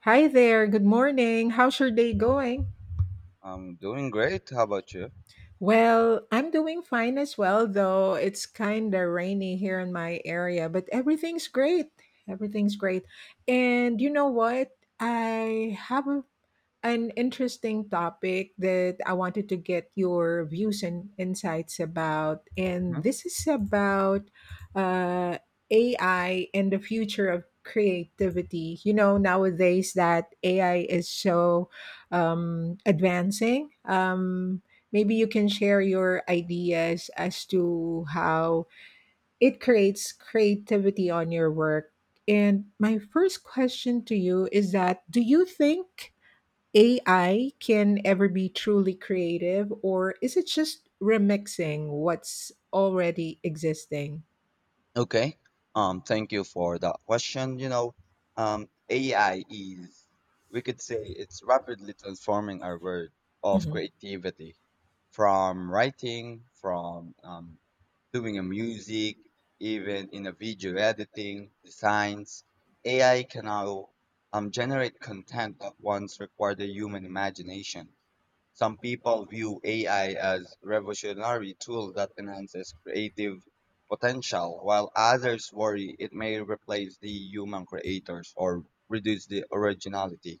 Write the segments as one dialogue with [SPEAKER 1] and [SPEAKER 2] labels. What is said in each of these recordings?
[SPEAKER 1] Hi there. Good morning. How's your day going?
[SPEAKER 2] I'm doing great. How about you?
[SPEAKER 1] Well, I'm doing fine as well, though it's kind of rainy here in my area, but everything's great. Everything's great. And you know what? I have a an interesting topic that I wanted to get your views and insights about. And
[SPEAKER 2] hmm
[SPEAKER 1] this is about uh, AI and the future of creativity. You know, nowadays that AI is so advancing. Maybe you can share your ideas as to how it creates creativity on your work. And my first question to you is, that do you think AI can ever be truly creative, or is it just remixing what's already existing?
[SPEAKER 2] Okay. Thank you for that question. AI is, we could say, it's rapidly transforming our world of
[SPEAKER 1] Mhm.
[SPEAKER 2] creativity, from writing, from doing a music, even in a video editing, designs. AI can now generate content that once required the human imagination. Some people view AI as revolutionary tool that enhances creative potential, while others worry it may replace the human creators or reduce the originality.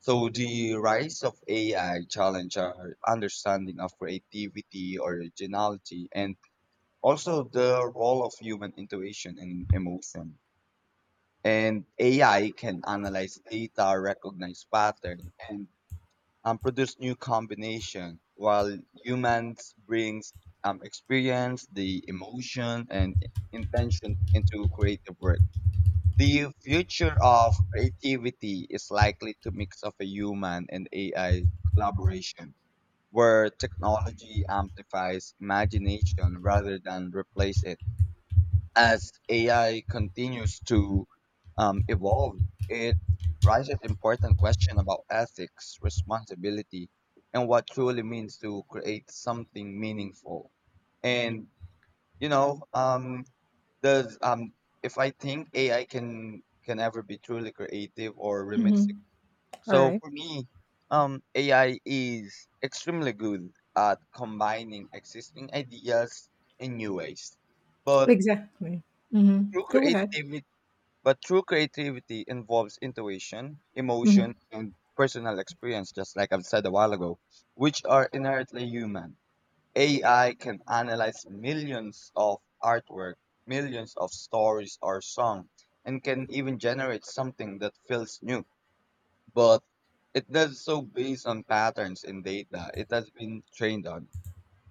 [SPEAKER 2] So the rise of AI challenge our understanding of creativity, originality, and also the role of human intuition and emotion. And AI can analyze data, recognize patterns, and produce new combination while humans brings experience the emotion and intention into creative work. The future of creativity is likely to mix of a human and AI collaboration, where technology amplifies imagination rather than replace it. As AI continues to evolve, it raises important questions about ethics, responsibility, and what truly means to create something meaningful. And you know, does if I think AI can ever be truly creative or remixing.
[SPEAKER 1] Mhm. All
[SPEAKER 2] So
[SPEAKER 1] right.
[SPEAKER 2] for me, AI is extremely good at combining existing ideas in new ways, but
[SPEAKER 1] Exactly. Mhm.
[SPEAKER 2] through
[SPEAKER 1] Go ahead.
[SPEAKER 2] creativity but true creativity involves intuition, emotion,
[SPEAKER 1] Mhm.
[SPEAKER 2] and personal experience, just like I've said a while ago, which are inherently human. AI can analyze millions of artwork, millions of stories or song, and can even generate something that feels new. But it does so based on patterns in data it has been trained on.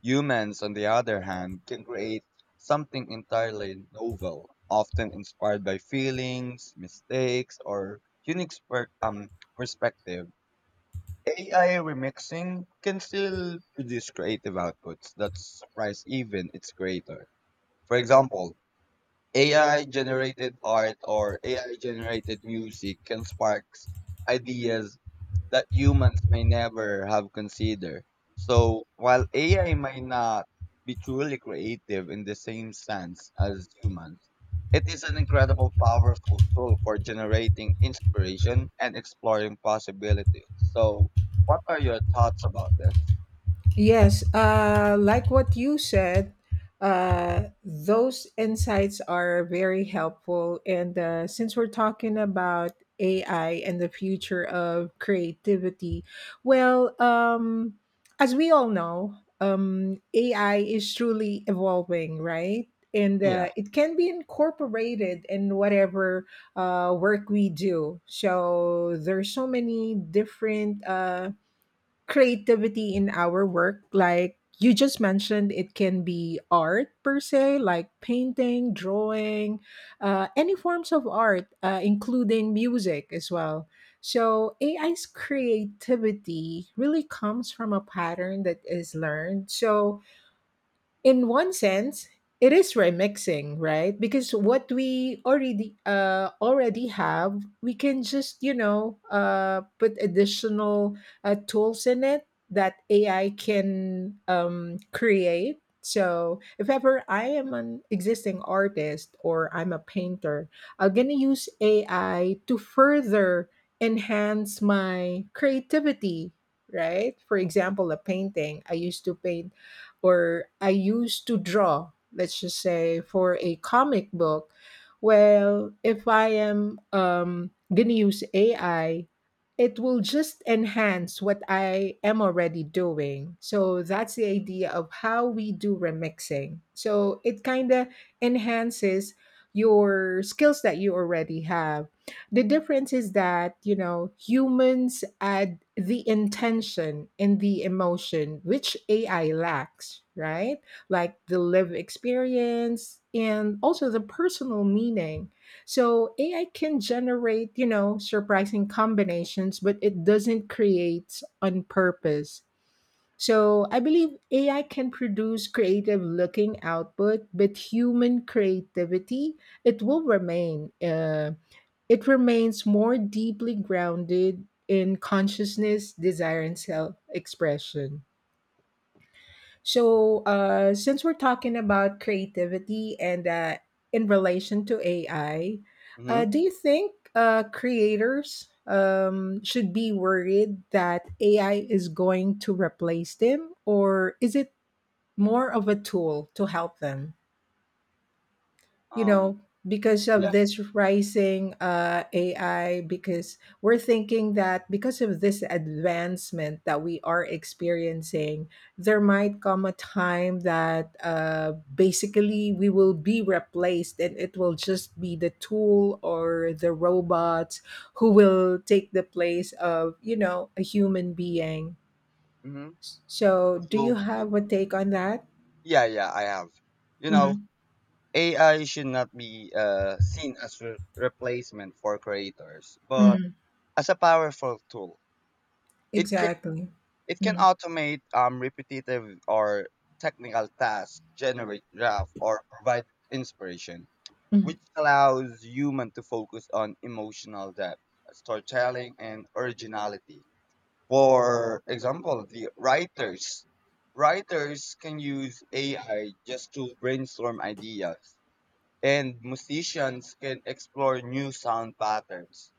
[SPEAKER 2] Humans, on the other hand, can create something entirely novel, often inspired by feelings, mistakes, or unique perspective. AI remixing can still produce creative outputs that surprise even its creator. For example, AI generated art or AI generated music can spark ideas that humans may never have considered. So while AI may not be truly creative in the same sense as humans, it is an incredible powerful tool for generating inspiration and exploring possibilities. So what are your thoughts about this?
[SPEAKER 1] Yes, like what you said, those insights are very helpful. And since we're talking about AI and the future of creativity, well, as we all know, AI is truly evolving, right? And
[SPEAKER 2] Yeah.
[SPEAKER 1] it can be incorporated in whatever work we do. So there's so many different. Creativity in our work, like you just mentioned, it can be art per se, like painting, drawing, any forms of art, including music as well. So ai's creativity really comes from a pattern that is learned. So in one sense, it is remixing, right? Because what we already have, we can just, you know, put additional tools in it that ai can create. So if ever I am an existing artist or I'm a painter, I'm gonna use ai to further enhance my creativity, right? For example, a painting I used to paint or I used to draw, let's just say, for a comic book, well, if I am going to use AI, it will just enhance what I am already doing. So that's the idea of how we do remixing. So it kind of enhances your skills that you already have. The difference is that, you know, humans add the intention and the emotion, which AI lacks, right? Like the live experience and also the personal meaning. So AI can generate, you know, surprising combinations, but it doesn't create on purpose. So I believe AI can produce creative looking output, but human creativity it will remain. It remains more deeply grounded in consciousness, desire, and self expression. So, since we're talking about creativity and in relation to AI,
[SPEAKER 2] hmm
[SPEAKER 1] do you think creators should be worried that AI is going to replace them, or is it more of a tool to help them? You
[SPEAKER 2] Um
[SPEAKER 1] know, because of
[SPEAKER 2] yeah.
[SPEAKER 1] this rising ai, because we're thinking that because of this advancement that we are experiencing, there might come a time that basically we will be replaced and it will just be the tool or the robots who will take the place of, you know, a human being.
[SPEAKER 2] hmm
[SPEAKER 1] So do you
[SPEAKER 2] So y-
[SPEAKER 1] have a take on that?
[SPEAKER 2] yeah, yeah, I have. You know,
[SPEAKER 1] Hmm.
[SPEAKER 2] AI should not be seen as replacement for creators, but
[SPEAKER 1] Hmm.
[SPEAKER 2] as a powerful tool. It can
[SPEAKER 1] Exactly.
[SPEAKER 2] it can
[SPEAKER 1] Hmm.
[SPEAKER 2] automate repetitive or technical tasks, generate draft, or provide inspiration, which allows human to focus on emotional depth, storytelling, and originality. For example, the writers can use AI just to brainstorm ideas, and musicians can explore new sound patterns.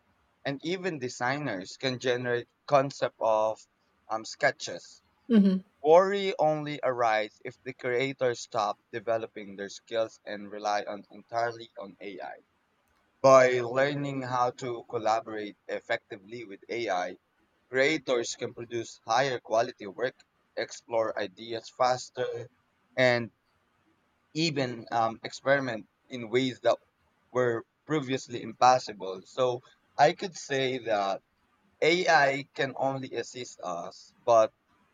[SPEAKER 2] And even designers can generate concept of sketches.
[SPEAKER 1] Hmm.
[SPEAKER 2] Worry only arises if the creators stop developing their skills and rely on entirely on AI. By learning how to collaborate effectively with AI, creators can produce higher quality work, explore ideas faster, and even experiment in ways that were previously impossible. So I could say that AI can only assist us, but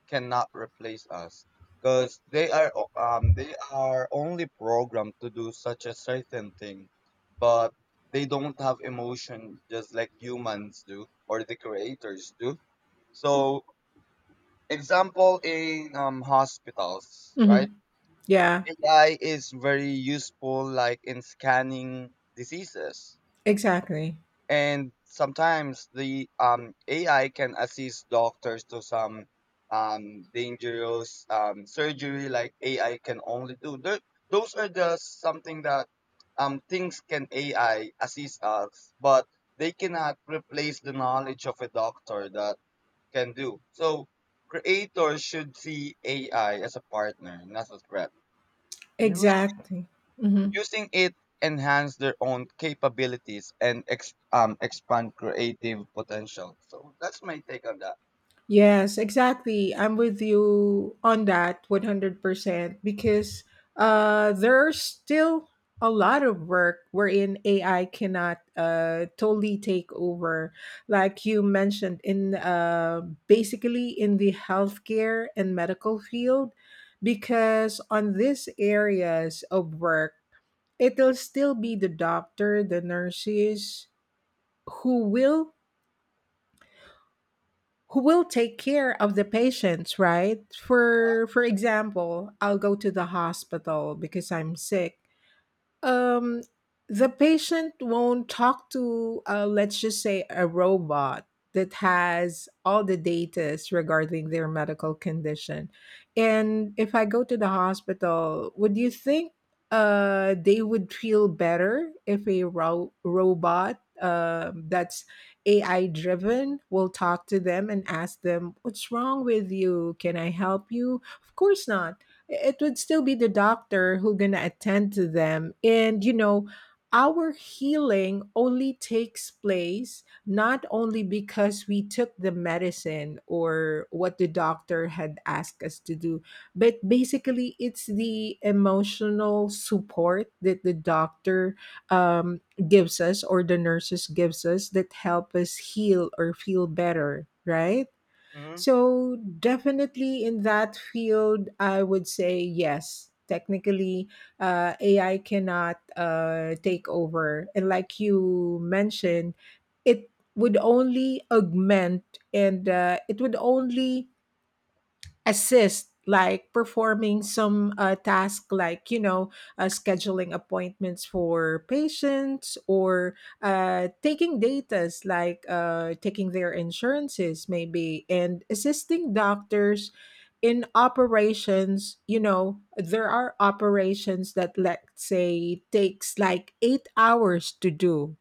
[SPEAKER 2] cannot replace us, because they are only programmed to do such a certain thing, but they don't have emotion just like humans do or the creators do. So example in hospitals,
[SPEAKER 1] Hmm.
[SPEAKER 2] right?
[SPEAKER 1] Yeah,
[SPEAKER 2] AI is very useful, like in scanning diseases,
[SPEAKER 1] exactly.
[SPEAKER 2] and sometimes the AI can assist doctors to some dangerous surgery, like AI can only do. Those are the something that things can AI assist us, but they cannot replace the knowledge of a doctor that can do. So creators should see AI as a partner, not a threat. Use
[SPEAKER 1] Exactly. Hmm.
[SPEAKER 2] Using it enhance their own capabilities and expand creative potential. So that's my take on that.
[SPEAKER 1] Yes, exactly. I'm with you on that 100% because there's still a lot of work wherein AI cannot totally take over. Like you mentioned, in basically in the healthcare and medical field, because on these areas of work, it'll still be the doctor, the nurses who will who will take care of the patients, right? For example, I'll go to the hospital because I'm sick. Um the patient won't talk to, let's just say, a robot that has all the data regarding their medical condition. And if I go to the hospital, would you think they would feel better if a robot, that's ai driven, will talk to them and ask them, what's wrong with you, can I help you? Of course not. It would still be the doctor who gonna attend to them. And you know, our healing only takes place not only because we took the medicine or what the doctor had asked us to do, but basically it's the emotional support that the doctor um, gives us, or the nurses gives us, that help us heal or feel better, right?
[SPEAKER 2] hmm
[SPEAKER 1] So, definitely in that field, I would say yes. Technically, AI cannot take over. And like you mentioned, it would only augment and it would only assist, like performing some task, like, you know, scheduling appointments for patients or taking datas, like taking their insurances maybe, and assisting doctors in operations. You know, there are operations that let's say takes like 8 hours to do.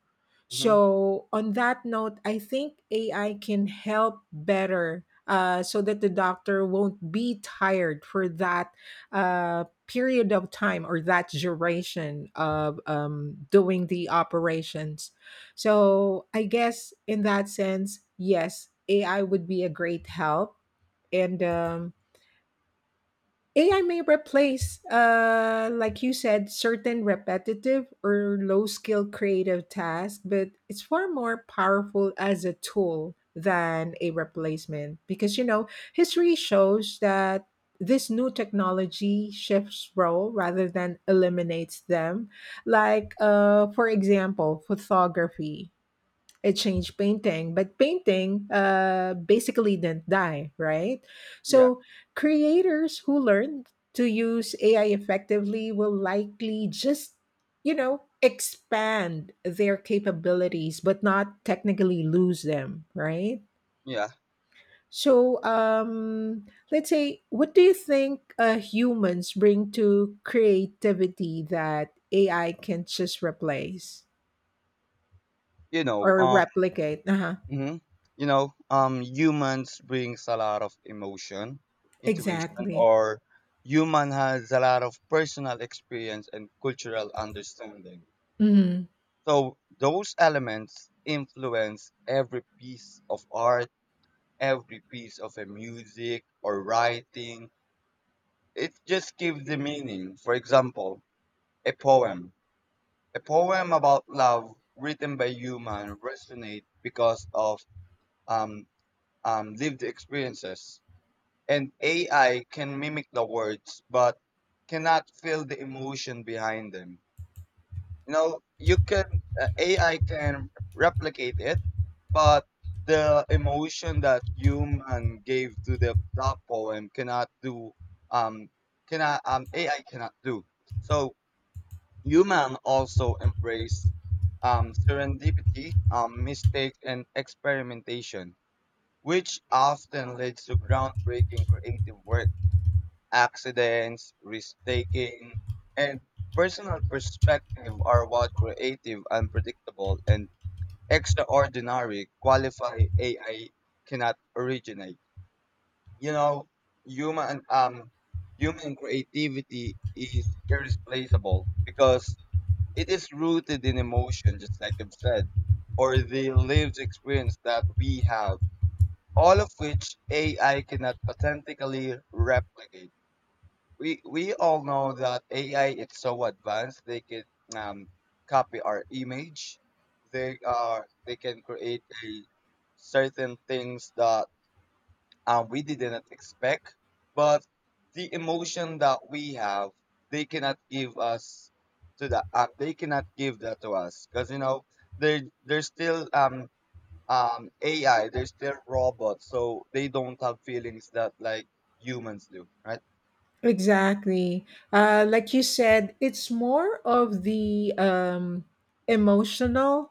[SPEAKER 2] hmm
[SPEAKER 1] So, on that note, I think AI can help better, so that the doctor won't be tired for that period of time or that duration of doing the operations. So, I guess in that sense, yes, AI would be a great help. And AI may replace, like you said, certain repetitive or low skill creative tasks, but it's far more powerful as a tool than a replacement because, you know, history shows that this new technology shifts role rather than eliminates them. Like, for example, photography. It changed painting, but painting basically didn't die, right?
[SPEAKER 2] Yeah,
[SPEAKER 1] So creators who learn to use AI effectively will likely just, you know, expand their capabilities, but not technically lose them, right?
[SPEAKER 2] yeah.
[SPEAKER 1] So let's say, what do you think humans bring to creativity that AI can just replace
[SPEAKER 2] You know,
[SPEAKER 1] or
[SPEAKER 2] um,
[SPEAKER 1] replicate? Uh-huh.
[SPEAKER 2] mhm. Humans brings a lot of emotion, intuition,
[SPEAKER 1] Exactly.
[SPEAKER 2] or human has a lot of personal experience and cultural understanding.
[SPEAKER 1] Mhm.
[SPEAKER 2] So those elements influence every piece of art, every piece of a music or writing. It just gives the meaning. For example, a poem. A poem about love written by human resonate because of um, lived experiences. And AI can mimic the words, but cannot feel the emotion behind them. You know, you can AI can replicate it, but the emotion that human gave to the that poem cannot do um cannot AI cannot do. So human also embrace serendipity, mistakes, and experimentation, which often leads to groundbreaking creative work. Accidents, risk taking, and personal perspective are what creative, unpredictable, and extraordinary qualify AI cannot originate. You know, human um, human creativity is irreplaceable because it is rooted in emotion, just like I've said, or the lived experience that we have, all of which AI cannot authentically replicate. We all know that AI is so advanced they can um, copy our image. They can create a certain things that and we didn't expect, but the emotion that we have, they cannot give us to that. They cannot give that to us because you know they're still AI. They're still robots, so they don't have feelings that like humans do, right?
[SPEAKER 1] Exactly. Like you said, it's more of the emotional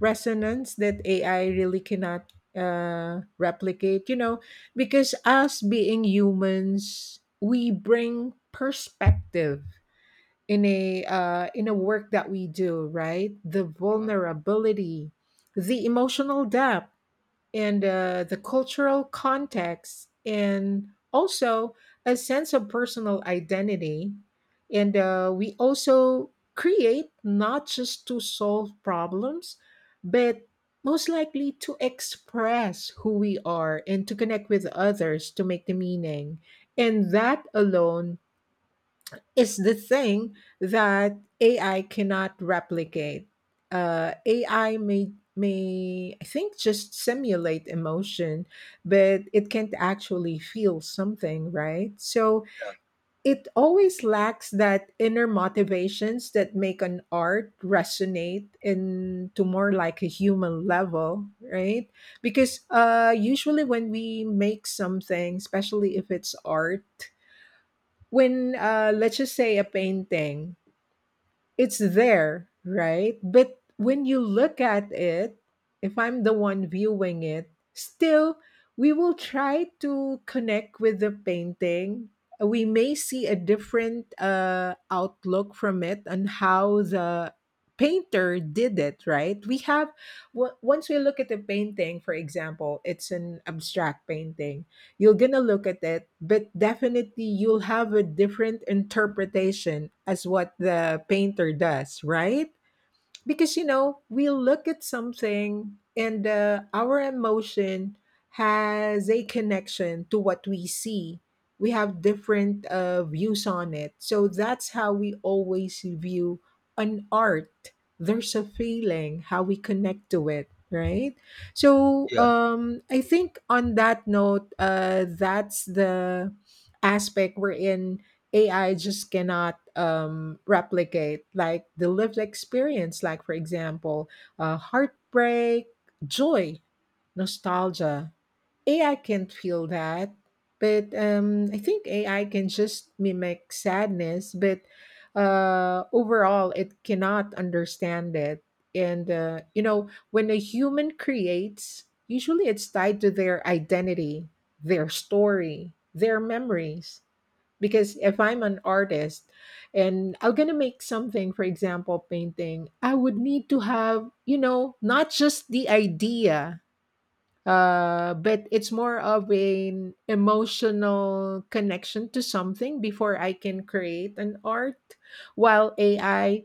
[SPEAKER 1] resonance that AI really cannot replicate, you know, because us being humans, we bring perspective in a in a work that we do, right? The
[SPEAKER 2] Mhm.
[SPEAKER 1] vulnerability, the emotional depth and the cultural context, and also a sense of personal identity, and we also create not just to solve problems, but most likely to express who we are and to connect with others to make the meaning. And that alone, it's the thing that AI cannot replicate. AI may, I think, just simulate emotion, but it can't actually feel something, right? So
[SPEAKER 2] Yeah,
[SPEAKER 1] it always lacks that inner motivations that make an art resonate into more like a human level, right? Because usually when we make something, especially if it's art, when let's just say a painting, it's there, right? But when you look at it, if I'm the one viewing it, still we will try to connect with the painting. We may see a different outlook from it and how the painter did it, right? We have, once we look at the painting, for example, it's an abstract painting, you're gonna look at it, but definitely you'll have a different interpretation as what the painter does, right? Because, you know, we look at something and our emotion has a connection to what we see. We have different views on it. So that's how we always view an art. There's a feeling how we connect to it, right? So I think on that note, that's the aspect we're in. AI just cannot replicate, like, the lived experience, like for example, heartbreak, joy, nostalgia. AI can't feel that, but I think AI can just mimic sadness, but overall, it cannot understand it. And you know, when a human creates, usually it's tied to their identity, their story, their memories. Because if I'm an artist and I'm gonna make something, for example, painting, I would need to have, you know, not just the idea, but it's more of an emotional connection to something before I can create an art. While AI,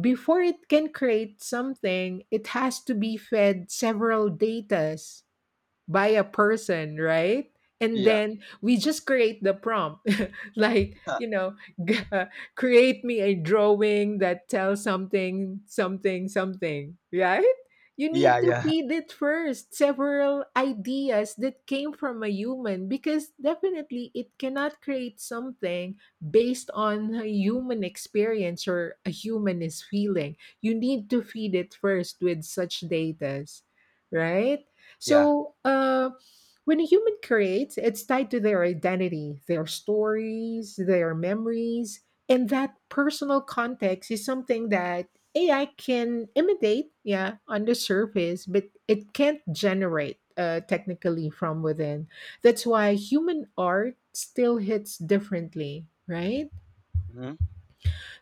[SPEAKER 1] before it can create something, it has to be fed several datas by a person, right? And
[SPEAKER 2] yeah, yeah,
[SPEAKER 1] then we just create the prompt, like, you know, g- uh, create me a drawing that tells something, something, something, right? You need
[SPEAKER 2] yeah,
[SPEAKER 1] to
[SPEAKER 2] yeah,
[SPEAKER 1] feed it first several ideas that came from a human, because definitely it cannot create something based on a human experience or a human is feeling. You need to feed it first with such data, right?
[SPEAKER 2] yeah.
[SPEAKER 1] So, when a human creates, it's tied to their identity, their stories, their memories, and that personal context is something that AI can imitate, yeah, on the surface, but it can't generate, technically, from within. That's why human art still hits differently, right?
[SPEAKER 2] hmm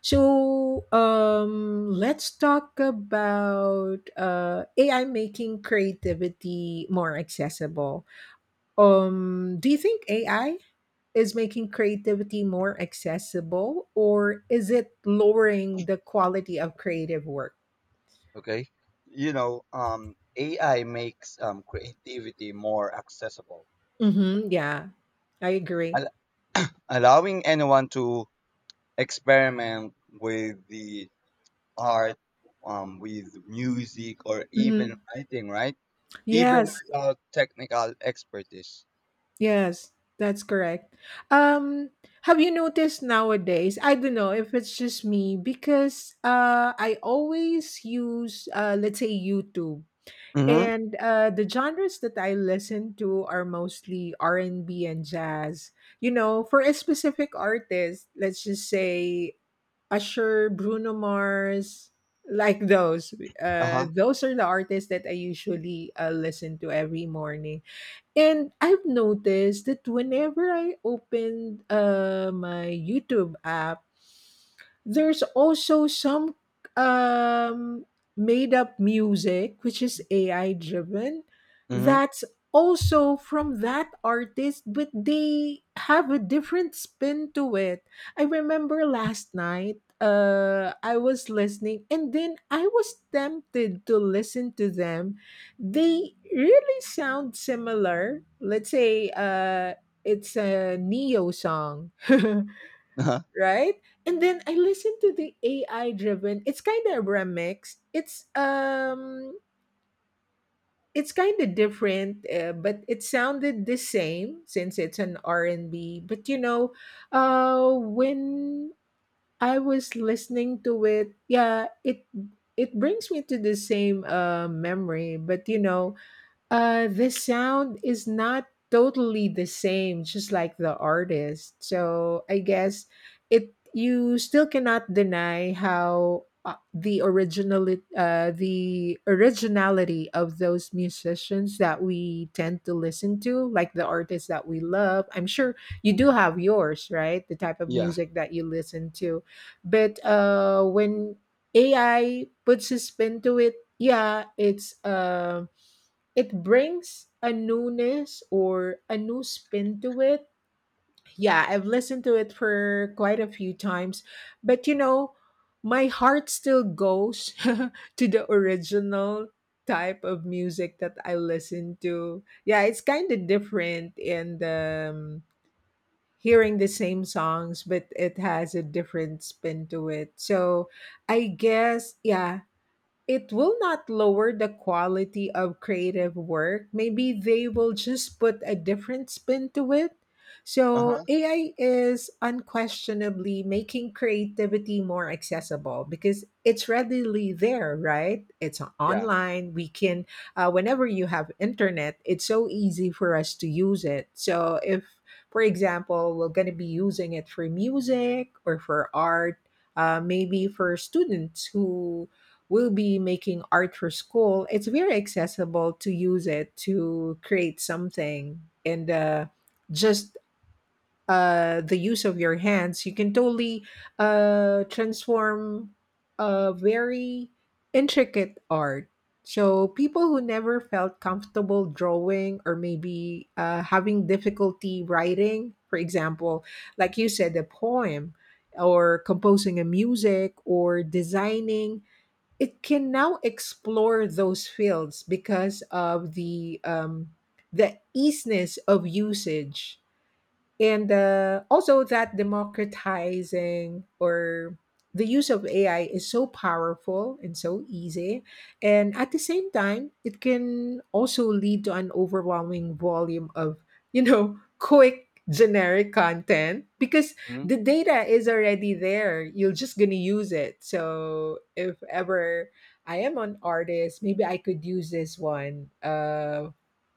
[SPEAKER 1] So let's talk about AI making creativity more accessible. Do you think AI is making creativity more accessible, or is it lowering the quality of creative work?
[SPEAKER 2] Okay, AI makes creativity more accessible,
[SPEAKER 1] Mm-hmm, yeah, I agree.
[SPEAKER 2] al- allowing anyone to experiment with the art, with music, or even
[SPEAKER 1] Mm-hmm.
[SPEAKER 2] writing, right? Even
[SPEAKER 1] Yes,
[SPEAKER 2] without technical expertise.
[SPEAKER 1] yes, that's correct. Um, have you noticed nowadays? I don't know if it's just me, because I always use, let's say, YouTube.
[SPEAKER 2] Mm-hmm.
[SPEAKER 1] And the genres that I listen to are mostly R&B and jazz. You know, for a specific artist, let's just say Usher, Bruno Mars, like those.
[SPEAKER 2] Uh-huh.
[SPEAKER 1] Those are the artists that I usually listen to every morning. And I've noticed that whenever I open my YouTube app there's also some um, made up music, which is AI driven,
[SPEAKER 2] Mm-hmm.
[SPEAKER 1] that's also from that artist, but they have a different spin to it. I remember last night I was listening and then I was tempted to listen to them. They really sound similar. Let's say it's a neo song
[SPEAKER 2] Uh-huh.
[SPEAKER 1] right? And then I listened to the AI driven. It's kind of a remix. It's kind of different, but it sounded the same since it's an R&B. But you know, when I was listening to it, yeah, it brings me to the same memory, but you know, the sound is not totally the same, just like the artist. So I guess it you still cannot deny how the originality of those musicians that we tend to listen to, like the artists that we love. I'm sure you do have yours, right? The type of
[SPEAKER 2] Yeah.
[SPEAKER 1] music that you listen to, but when AI puts a spin to it, yeah, it brings a newness or a new spin to it. Yeah, I've listened to it for quite a few times, but you know, my heart still goes to the original type of music that I listen to. Yeah, it's kind of different and hearing the same songs but it has a different spin to it. So, I guess yeah, it will not lower the quality of creative work. Maybe they will just put a different spin to it. So,
[SPEAKER 2] Uh-huh.
[SPEAKER 1] AI is unquestionably making creativity more accessible because it's readily there, right? It's
[SPEAKER 2] Yeah.
[SPEAKER 1] online. We can, whenever you have internet, it's so easy for us to use it. So, if, for example, we're going to be using it for music or for art, maybe for students who will be making art for school, it's very accessible to use it to create something. And just the use of your hands, you can totally transform a very intricate art. So, people who never felt comfortable drawing or maybe having difficulty writing, for example, like you said, a poem or composing a music or designing it can now explore those fields because of the easiness of usage and also that democratizing or the use of AI is so powerful and so easy. And at the same time, it can also lead to an overwhelming volume of, you know, quick generic content because
[SPEAKER 2] Mm-hmm.
[SPEAKER 1] the data is already there. You're just going to use it. So if ever I am an artist, maybe I could use this one.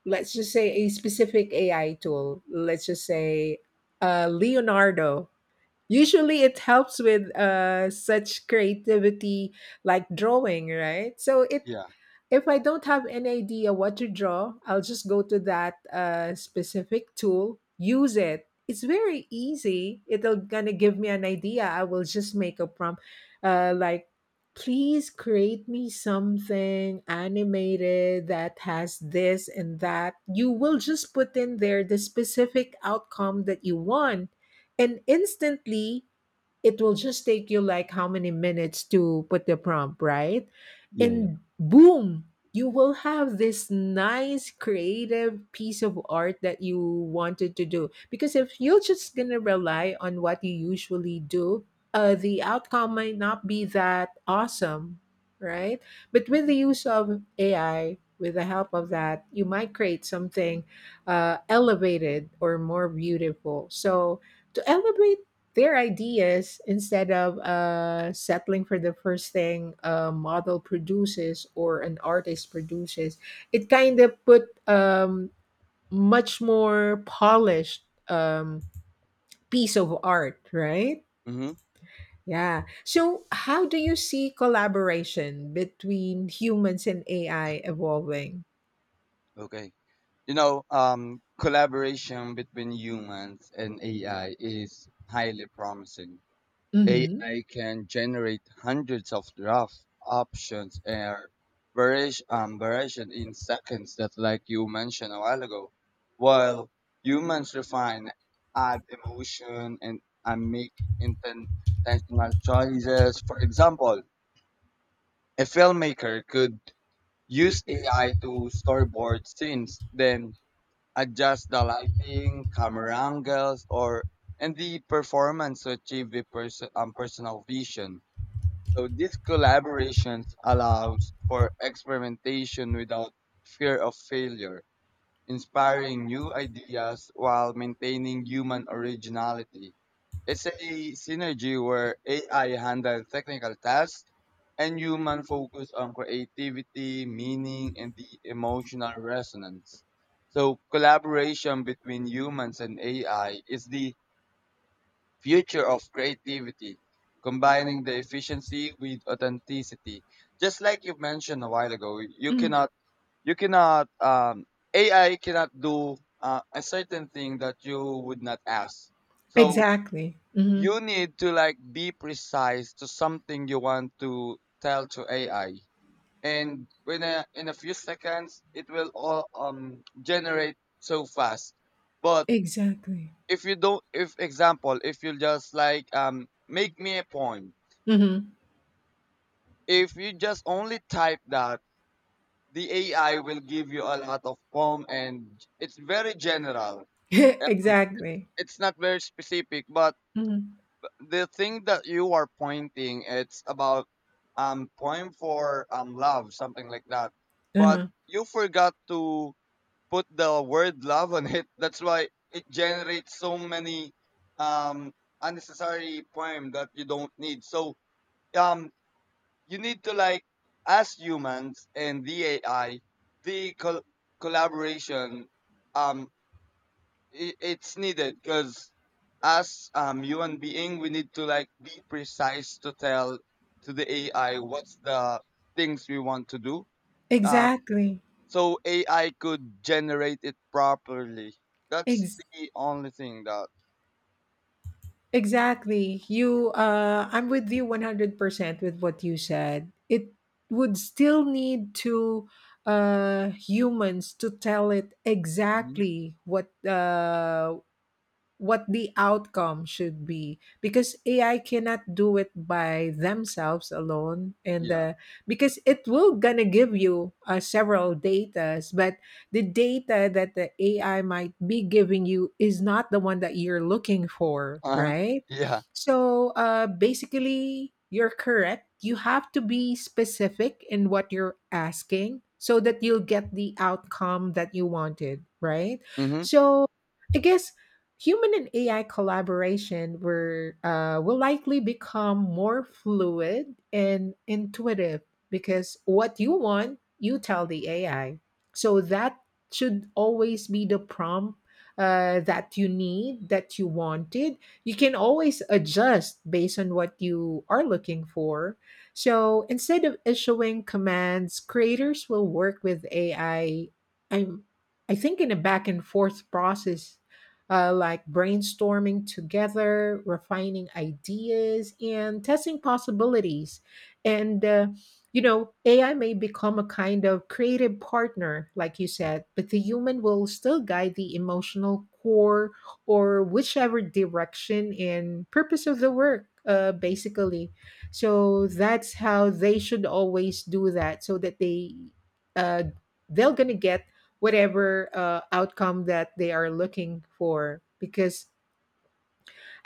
[SPEAKER 1] Let's just say a specific AI tool. Let's just say Leonardo. Usually, it helps with such creativity like drawing, right? So it
[SPEAKER 2] Yeah.
[SPEAKER 1] If I don't have any idea what to draw, I'll just go to that specific tool, use it. It's very easy. It'll gonna give me an idea. I will just make a prompt, like, please create me something animated that has this and that. You will just put in there the specific outcome that you want, and instantly it will just take you like how many minutes to put the prompt, right?
[SPEAKER 2] Yeah, yeah.
[SPEAKER 1] And boom, you will have this nice creative piece of art that you wanted to do. Because if you're just going to rely on what you usually do, the outcome might not be that awesome, right? But with the use of AI, with the help of that, you might create something elevated or more beautiful. So, to elevate their ideas, instead of settling for the first thing a model produces or an artist produces, it kind of put much more polished piece of art, right?
[SPEAKER 2] Mm-hmm.
[SPEAKER 1] Yeah. So, how do you see collaboration between humans and AI evolving?
[SPEAKER 2] Okay. Collaboration between humans and AI is highly promising.
[SPEAKER 1] Mm-hmm.
[SPEAKER 2] AI can generate hundreds of draft options and variation in seconds, that like you mentioned a while ago. While humans refine, add emotion, and make inten- intentional choices. For example, a filmmaker could use AI to storyboard scenes, then adjust the lighting, camera angles, or and the performance to achieve the personal vision. So these collaborations allows for experimentation without fear of failure, inspiring new ideas while maintaining human originality. It's a synergy where AI handles technical tasks and human focus on creativity, meaning, and the emotional resonance. So collaboration between humans and AI is the future of creativity, combining the efficiency with authenticity. Just like you mentioned a while ago,
[SPEAKER 1] Hmm.
[SPEAKER 2] you cannot, AI cannot do a certain thing that you would not ask. So
[SPEAKER 1] Exactly. Mm-hmm.
[SPEAKER 2] you need to like be precise to something you want to tell to AI, and when in a few seconds it will all generate so fast. But
[SPEAKER 1] Exactly.
[SPEAKER 2] if you don't if example if you just like make me a poem,
[SPEAKER 1] Mm-hmm.
[SPEAKER 2] if you just only type that, the AI will give you a lot of poem and it's very general. um, it's,
[SPEAKER 1] Exactly.
[SPEAKER 2] it's not very specific, but
[SPEAKER 1] Mm-hmm.
[SPEAKER 2] the thing that you are pointing it's about poem for love, something like that, but
[SPEAKER 1] Uh-huh.
[SPEAKER 2] you forgot to put the word love on it. That's why it generates so many um, unnecessary poem that you don't need. So um, you need to like, as humans and the AI, the col- collaboration um, I it's needed because as human being, we need to like be precise to tell to the AI what's the things we want to do. Um,
[SPEAKER 1] Exactly.
[SPEAKER 2] so AI could generate it properly. That's
[SPEAKER 1] Ex-
[SPEAKER 2] the only thing that.
[SPEAKER 1] exactly. You I'm with you 100% with what you said. It would still need to humans to tell it
[SPEAKER 2] hmm
[SPEAKER 1] exactly what the outcome should be because AI cannot do it by themselves alone and
[SPEAKER 2] Yeah.
[SPEAKER 1] uh, because it will gonna give you several datas but the data that the AI might be giving you is not the one that you're looking for,
[SPEAKER 2] Uh-huh.
[SPEAKER 1] right?
[SPEAKER 2] Yeah.
[SPEAKER 1] So basically you're correct, you have to be specific in what you're asking so that you'll get the outcome that you wanted, right?
[SPEAKER 2] Mm-hmm.
[SPEAKER 1] So I guess human and AI collaboration were, will likely become more fluid and intuitive because what you want, you tell the AI. So that should always be the prompt that you need, that you wanted. You can always adjust based on what you are looking for. So instead of issuing commands, creators will work with AI. I'm, I think in a back and forth process like brainstorming together, refining ideas, and testing possibilities. And, you know, AI may become a kind of creative partner, like you said, but the human will still guide the emotional core or whichever direction and purpose of the work, basically. So that's how they should always do that, so that they uh, they're gonna get whatever outcome that they are looking for because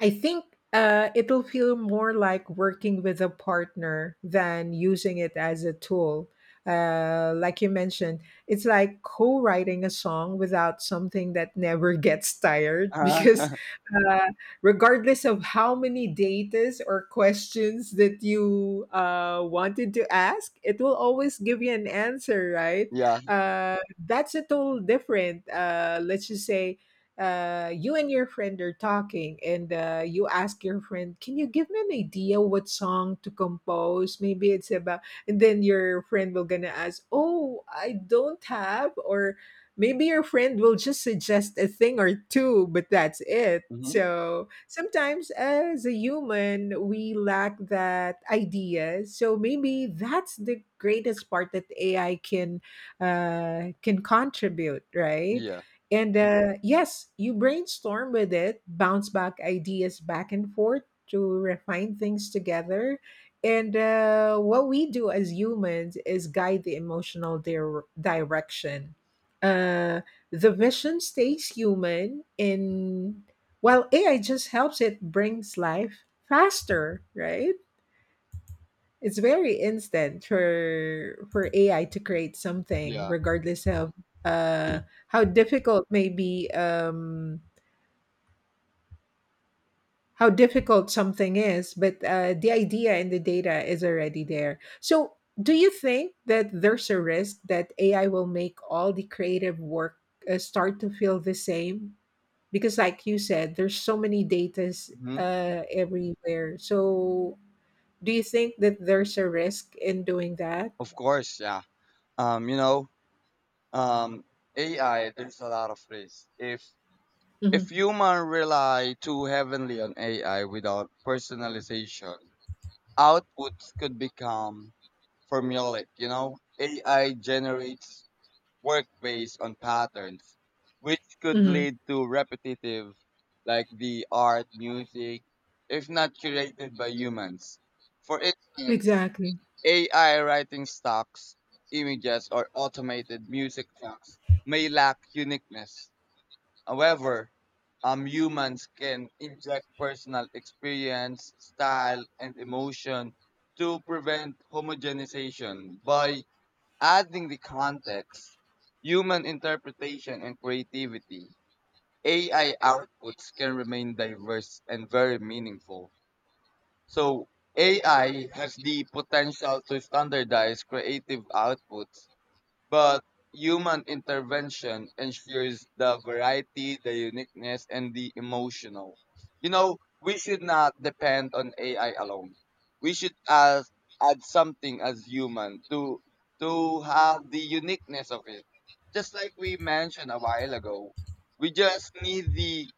[SPEAKER 1] I think it'll feel more like working with a partner than using it as a tool. Like you mentioned, it's like co writing a song without something that never gets tired because,
[SPEAKER 2] Uh-huh.
[SPEAKER 1] uh, regardless of how many datas or questions that you wanted to ask, it will always give you an answer, right?
[SPEAKER 2] Yeah.
[SPEAKER 1] Uh, that's a total different, let's just say, you and your friend are talking and you ask your friend, can you give me an idea what song to compose, maybe it's about, and then your friend will gonna ask, oh, I don't have, or maybe your friend will just suggest a thing or two, but that's it.
[SPEAKER 2] Mm-hmm.
[SPEAKER 1] So sometimes as a human we lack that idea, so maybe that's the greatest part that AI can contribute, right?
[SPEAKER 2] Yeah.
[SPEAKER 1] And yes, you brainstorm with it, bounce back ideas back and forth to refine things together. And what we do as humans is guide the emotional direction. Uh, the vision stays human, and while AI just helps it brings life faster, right? It's very instant for AI to create something,
[SPEAKER 2] Yeah.
[SPEAKER 1] regardless of uh, how difficult maybe how difficult something is. But the idea and the data is already there. So, do you think that there's a risk that AI will make all the creative work start to feel the same? Because, like you said, there's so many datas
[SPEAKER 2] hmm
[SPEAKER 1] everywhere. So, do you think that there's a risk in doing that?
[SPEAKER 2] Of course. Yeah. Um. You know. Um. AI. There's a lot of risk. If
[SPEAKER 1] Mhm.
[SPEAKER 2] human rely too heavily on AI without personalization, outputs could become formulaic. You know, AI generates work based on patterns, which could
[SPEAKER 1] Mhm.
[SPEAKER 2] lead to repetitive, like the art, music, if not curated by humans. For instance,
[SPEAKER 1] Exactly.
[SPEAKER 2] AI writing stocks, images, or automated music tracks may lack uniqueness. However, humans can inject personal experience, style, and emotion to prevent homogenization. By adding the context, human interpretation, and creativity, AI outputs can remain diverse and very meaningful. So, AI has the potential to standardize creative outputs, but human intervention ensures the variety, the uniqueness, and the emotional. You know, we should not depend on AI alone. We should add something as human to have the uniqueness of it. Just like we mentioned a while ago, we just need the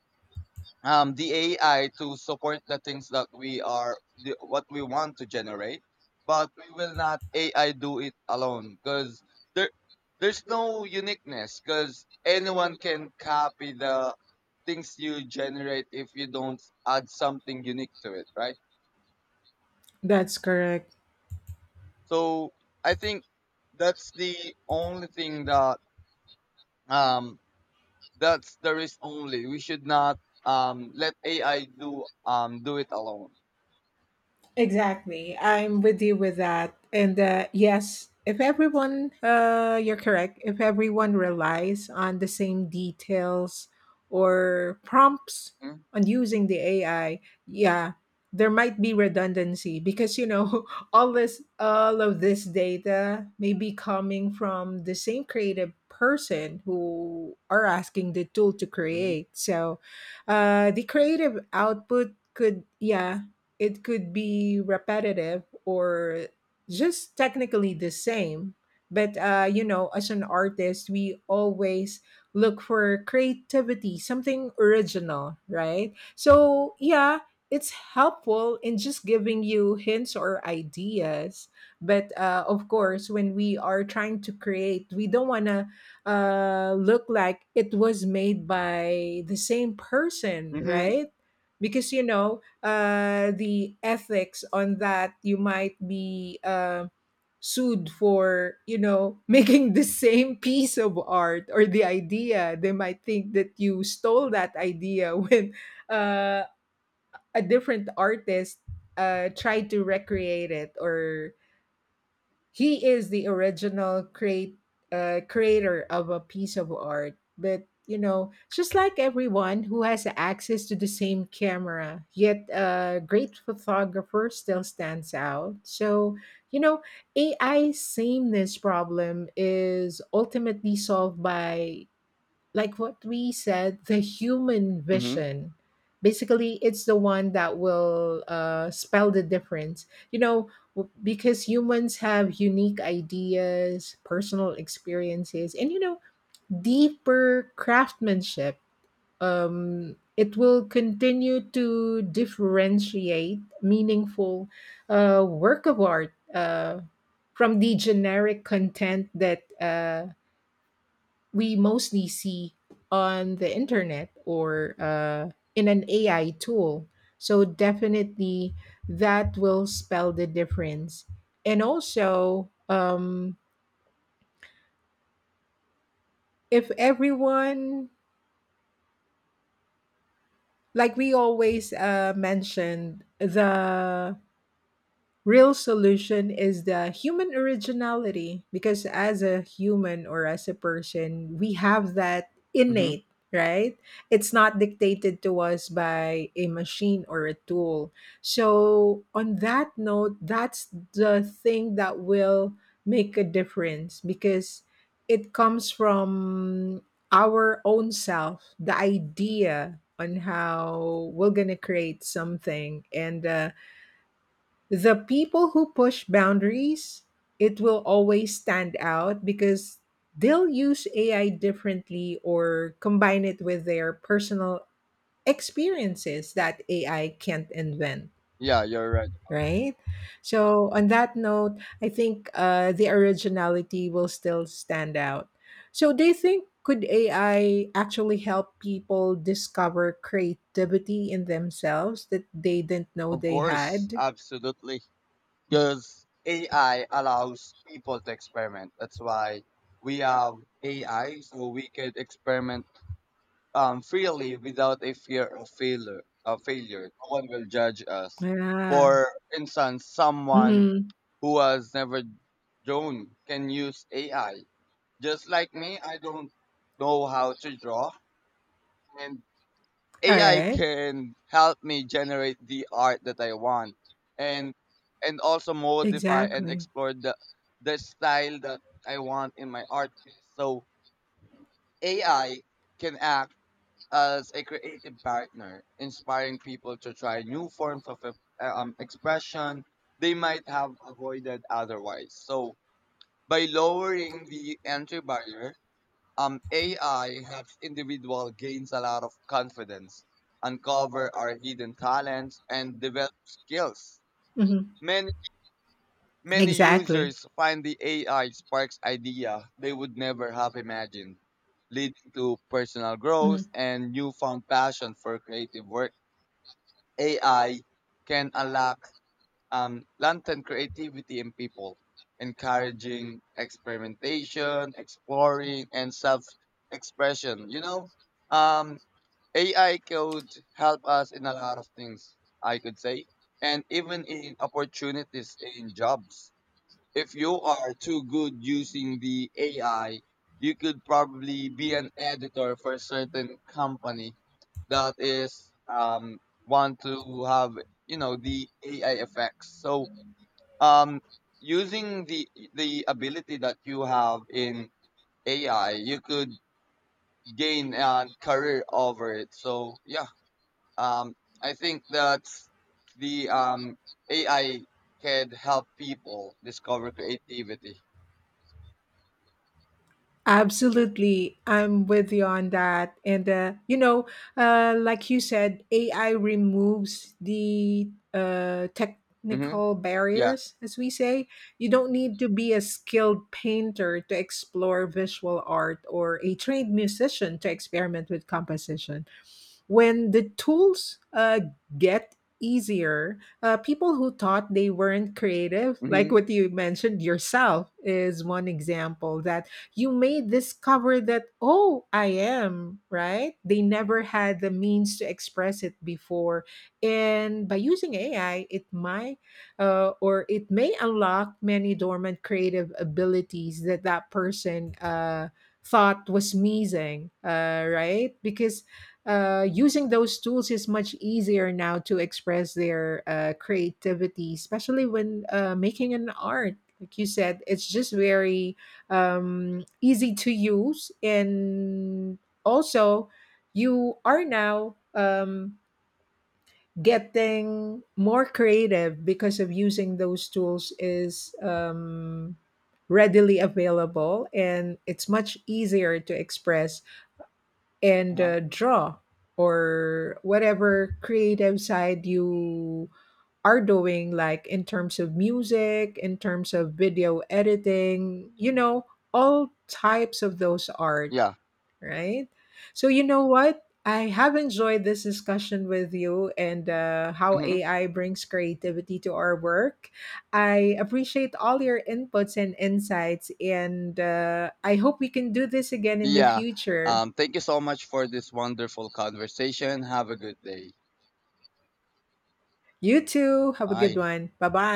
[SPEAKER 2] um, the AI to support the things that what we want to generate, but we will not AI do it alone, because there there's no uniqueness, because anyone can copy the things you generate if you don't add something unique to it, right?
[SPEAKER 1] That's correct.
[SPEAKER 2] So I think that's the only thing that um that's the risk only. We should not let AI do do it alone.
[SPEAKER 1] Exactly. I'm with you with that. And yes, if everyone, you're correct, if everyone relies on the same details or prompts on using the AI, yeah, there might be redundancy because, you know, all of this data may be coming from the same creative person who are asking the tool to
[SPEAKER 2] Mm-hmm.
[SPEAKER 1] create. So the creative output could, yeah, it could be repetitive or just technically the same but you know, as an artist we always look for creativity, something original, right? So yeah, it's helpful in just giving you hints or ideas, but of course when we are trying to create we don't want to look like it was made by the same person, right? Because you know, the ethics on that, you might be sued for, you know, making the same piece of art or the idea. They might think that you stole that idea when uh, a different artist tried to recreate it or he is the original create creator of a piece of art. But you know, just like everyone who has access to the same camera, yet a great photographer still stands out, so you know, AI sameness problem is ultimately solved by like what we said, the human
[SPEAKER 2] Mm-hmm.
[SPEAKER 1] vision. Basically, it's the one that will spell the difference. You know, because humans have unique ideas, personal experiences, and, you know, deeper craftsmanship. It will continue to differentiate meaningful work of art from the generic content that we mostly see on the internet or in an AI tool. So definitely that will spell the difference. And also, if everyone, like we always mentioned, the real solution is the human originality, because as a human or as a person we have that
[SPEAKER 2] Mm-hmm.
[SPEAKER 1] innate right. It's not dictated to us by a machine or a tool, so on that note, that's the thing that will make a difference because it comes from our own self, the idea on how we're going to create something. And the people who push boundaries, it will always stand out because they'll use AI differently or combine it with their personal experiences that AI can't invent,
[SPEAKER 2] Yeah, you're right about that.
[SPEAKER 1] right? So, on that note, I think the originality will still stand out. So, do you think could AI actually help people discover creativity in themselves that they didn't know
[SPEAKER 2] Of
[SPEAKER 1] they
[SPEAKER 2] course,
[SPEAKER 1] had?
[SPEAKER 2] absolutely. Because AI allows people to experiment. That's why we have AI, so we can experiment freely without a fear of failure. Of failure, no one will judge us.
[SPEAKER 1] Yeah.
[SPEAKER 2] For instance, someone
[SPEAKER 1] Hmm.
[SPEAKER 2] who has never drawn can use AI. Just like me, I don't know how to draw, and
[SPEAKER 1] All
[SPEAKER 2] AI
[SPEAKER 1] right.
[SPEAKER 2] can help me generate the art that I want, and and also modify and
[SPEAKER 1] Exactly.
[SPEAKER 2] explore the style that I want in my art. So AI can act as a creative partner, inspiring people to try new forms of expression they might have avoided otherwise. So by lowering the entry barrier, AI helps individual gains a lot of confidence, uncover our hidden talents, and develop skills.
[SPEAKER 1] Mhm.
[SPEAKER 2] Many many
[SPEAKER 1] Exactly.
[SPEAKER 2] users find the AI sparks idea they would never have imagined, leading to personal
[SPEAKER 1] Mhm.
[SPEAKER 2] growth and newfound passion for creative work. AI can unlock lantern creativity in people, encouraging experimentation, exploring, and self expression. Um, AI could help us in a lot of things, I could say, and even in opportunities in jobs. If you are too good using the AI, you could probably be an editor for a certain company that is want to have you know the AI effects. So um, using the ability that you have in AI, you could gain a career over it. So yeah, um, I think that's the AI can help people discover creativity.
[SPEAKER 1] Absolutely. I'm with you on that. And, you know, like you said, AI removes the
[SPEAKER 2] Mm-hmm.
[SPEAKER 1] technical
[SPEAKER 2] Yeah.
[SPEAKER 1] barriers, as we say. You don't need to be a skilled painter to explore visual art or a trained musician to experiment with composition. When the tools get easier, people who thought they weren't creative, like what
[SPEAKER 2] Mm-hmm.
[SPEAKER 1] you mentioned yourself, is one example that you may discover that, oh, I am, right? They never had the means to express it before. And by using AI, it might or it may unlock many dormant creative abilities that that person thought was missing, right? Because using those tools is much easier now to express their creativity, especially when making an art. Like you said, it's just very easy to use. And also, you are now getting more creative because of using those tools is readily available and it's much easier to express and
[SPEAKER 2] Uh-huh.
[SPEAKER 1] draw or whatever creative side you are doing, like in terms of music, in terms of video editing, you know, all types of those art,
[SPEAKER 2] Yeah.
[SPEAKER 1] right? So you know what, I have enjoyed this discussion with you and how
[SPEAKER 2] Mm-hmm.
[SPEAKER 1] AI brings creativity to our work. I appreciate all your inputs and insights and I hope we can do this again in the
[SPEAKER 2] Yeah.
[SPEAKER 1] future.
[SPEAKER 2] Thank you so much for this wonderful conversation. Have a good day.
[SPEAKER 1] You too. Have a good
[SPEAKER 2] Bye.
[SPEAKER 1] one. Bye bye.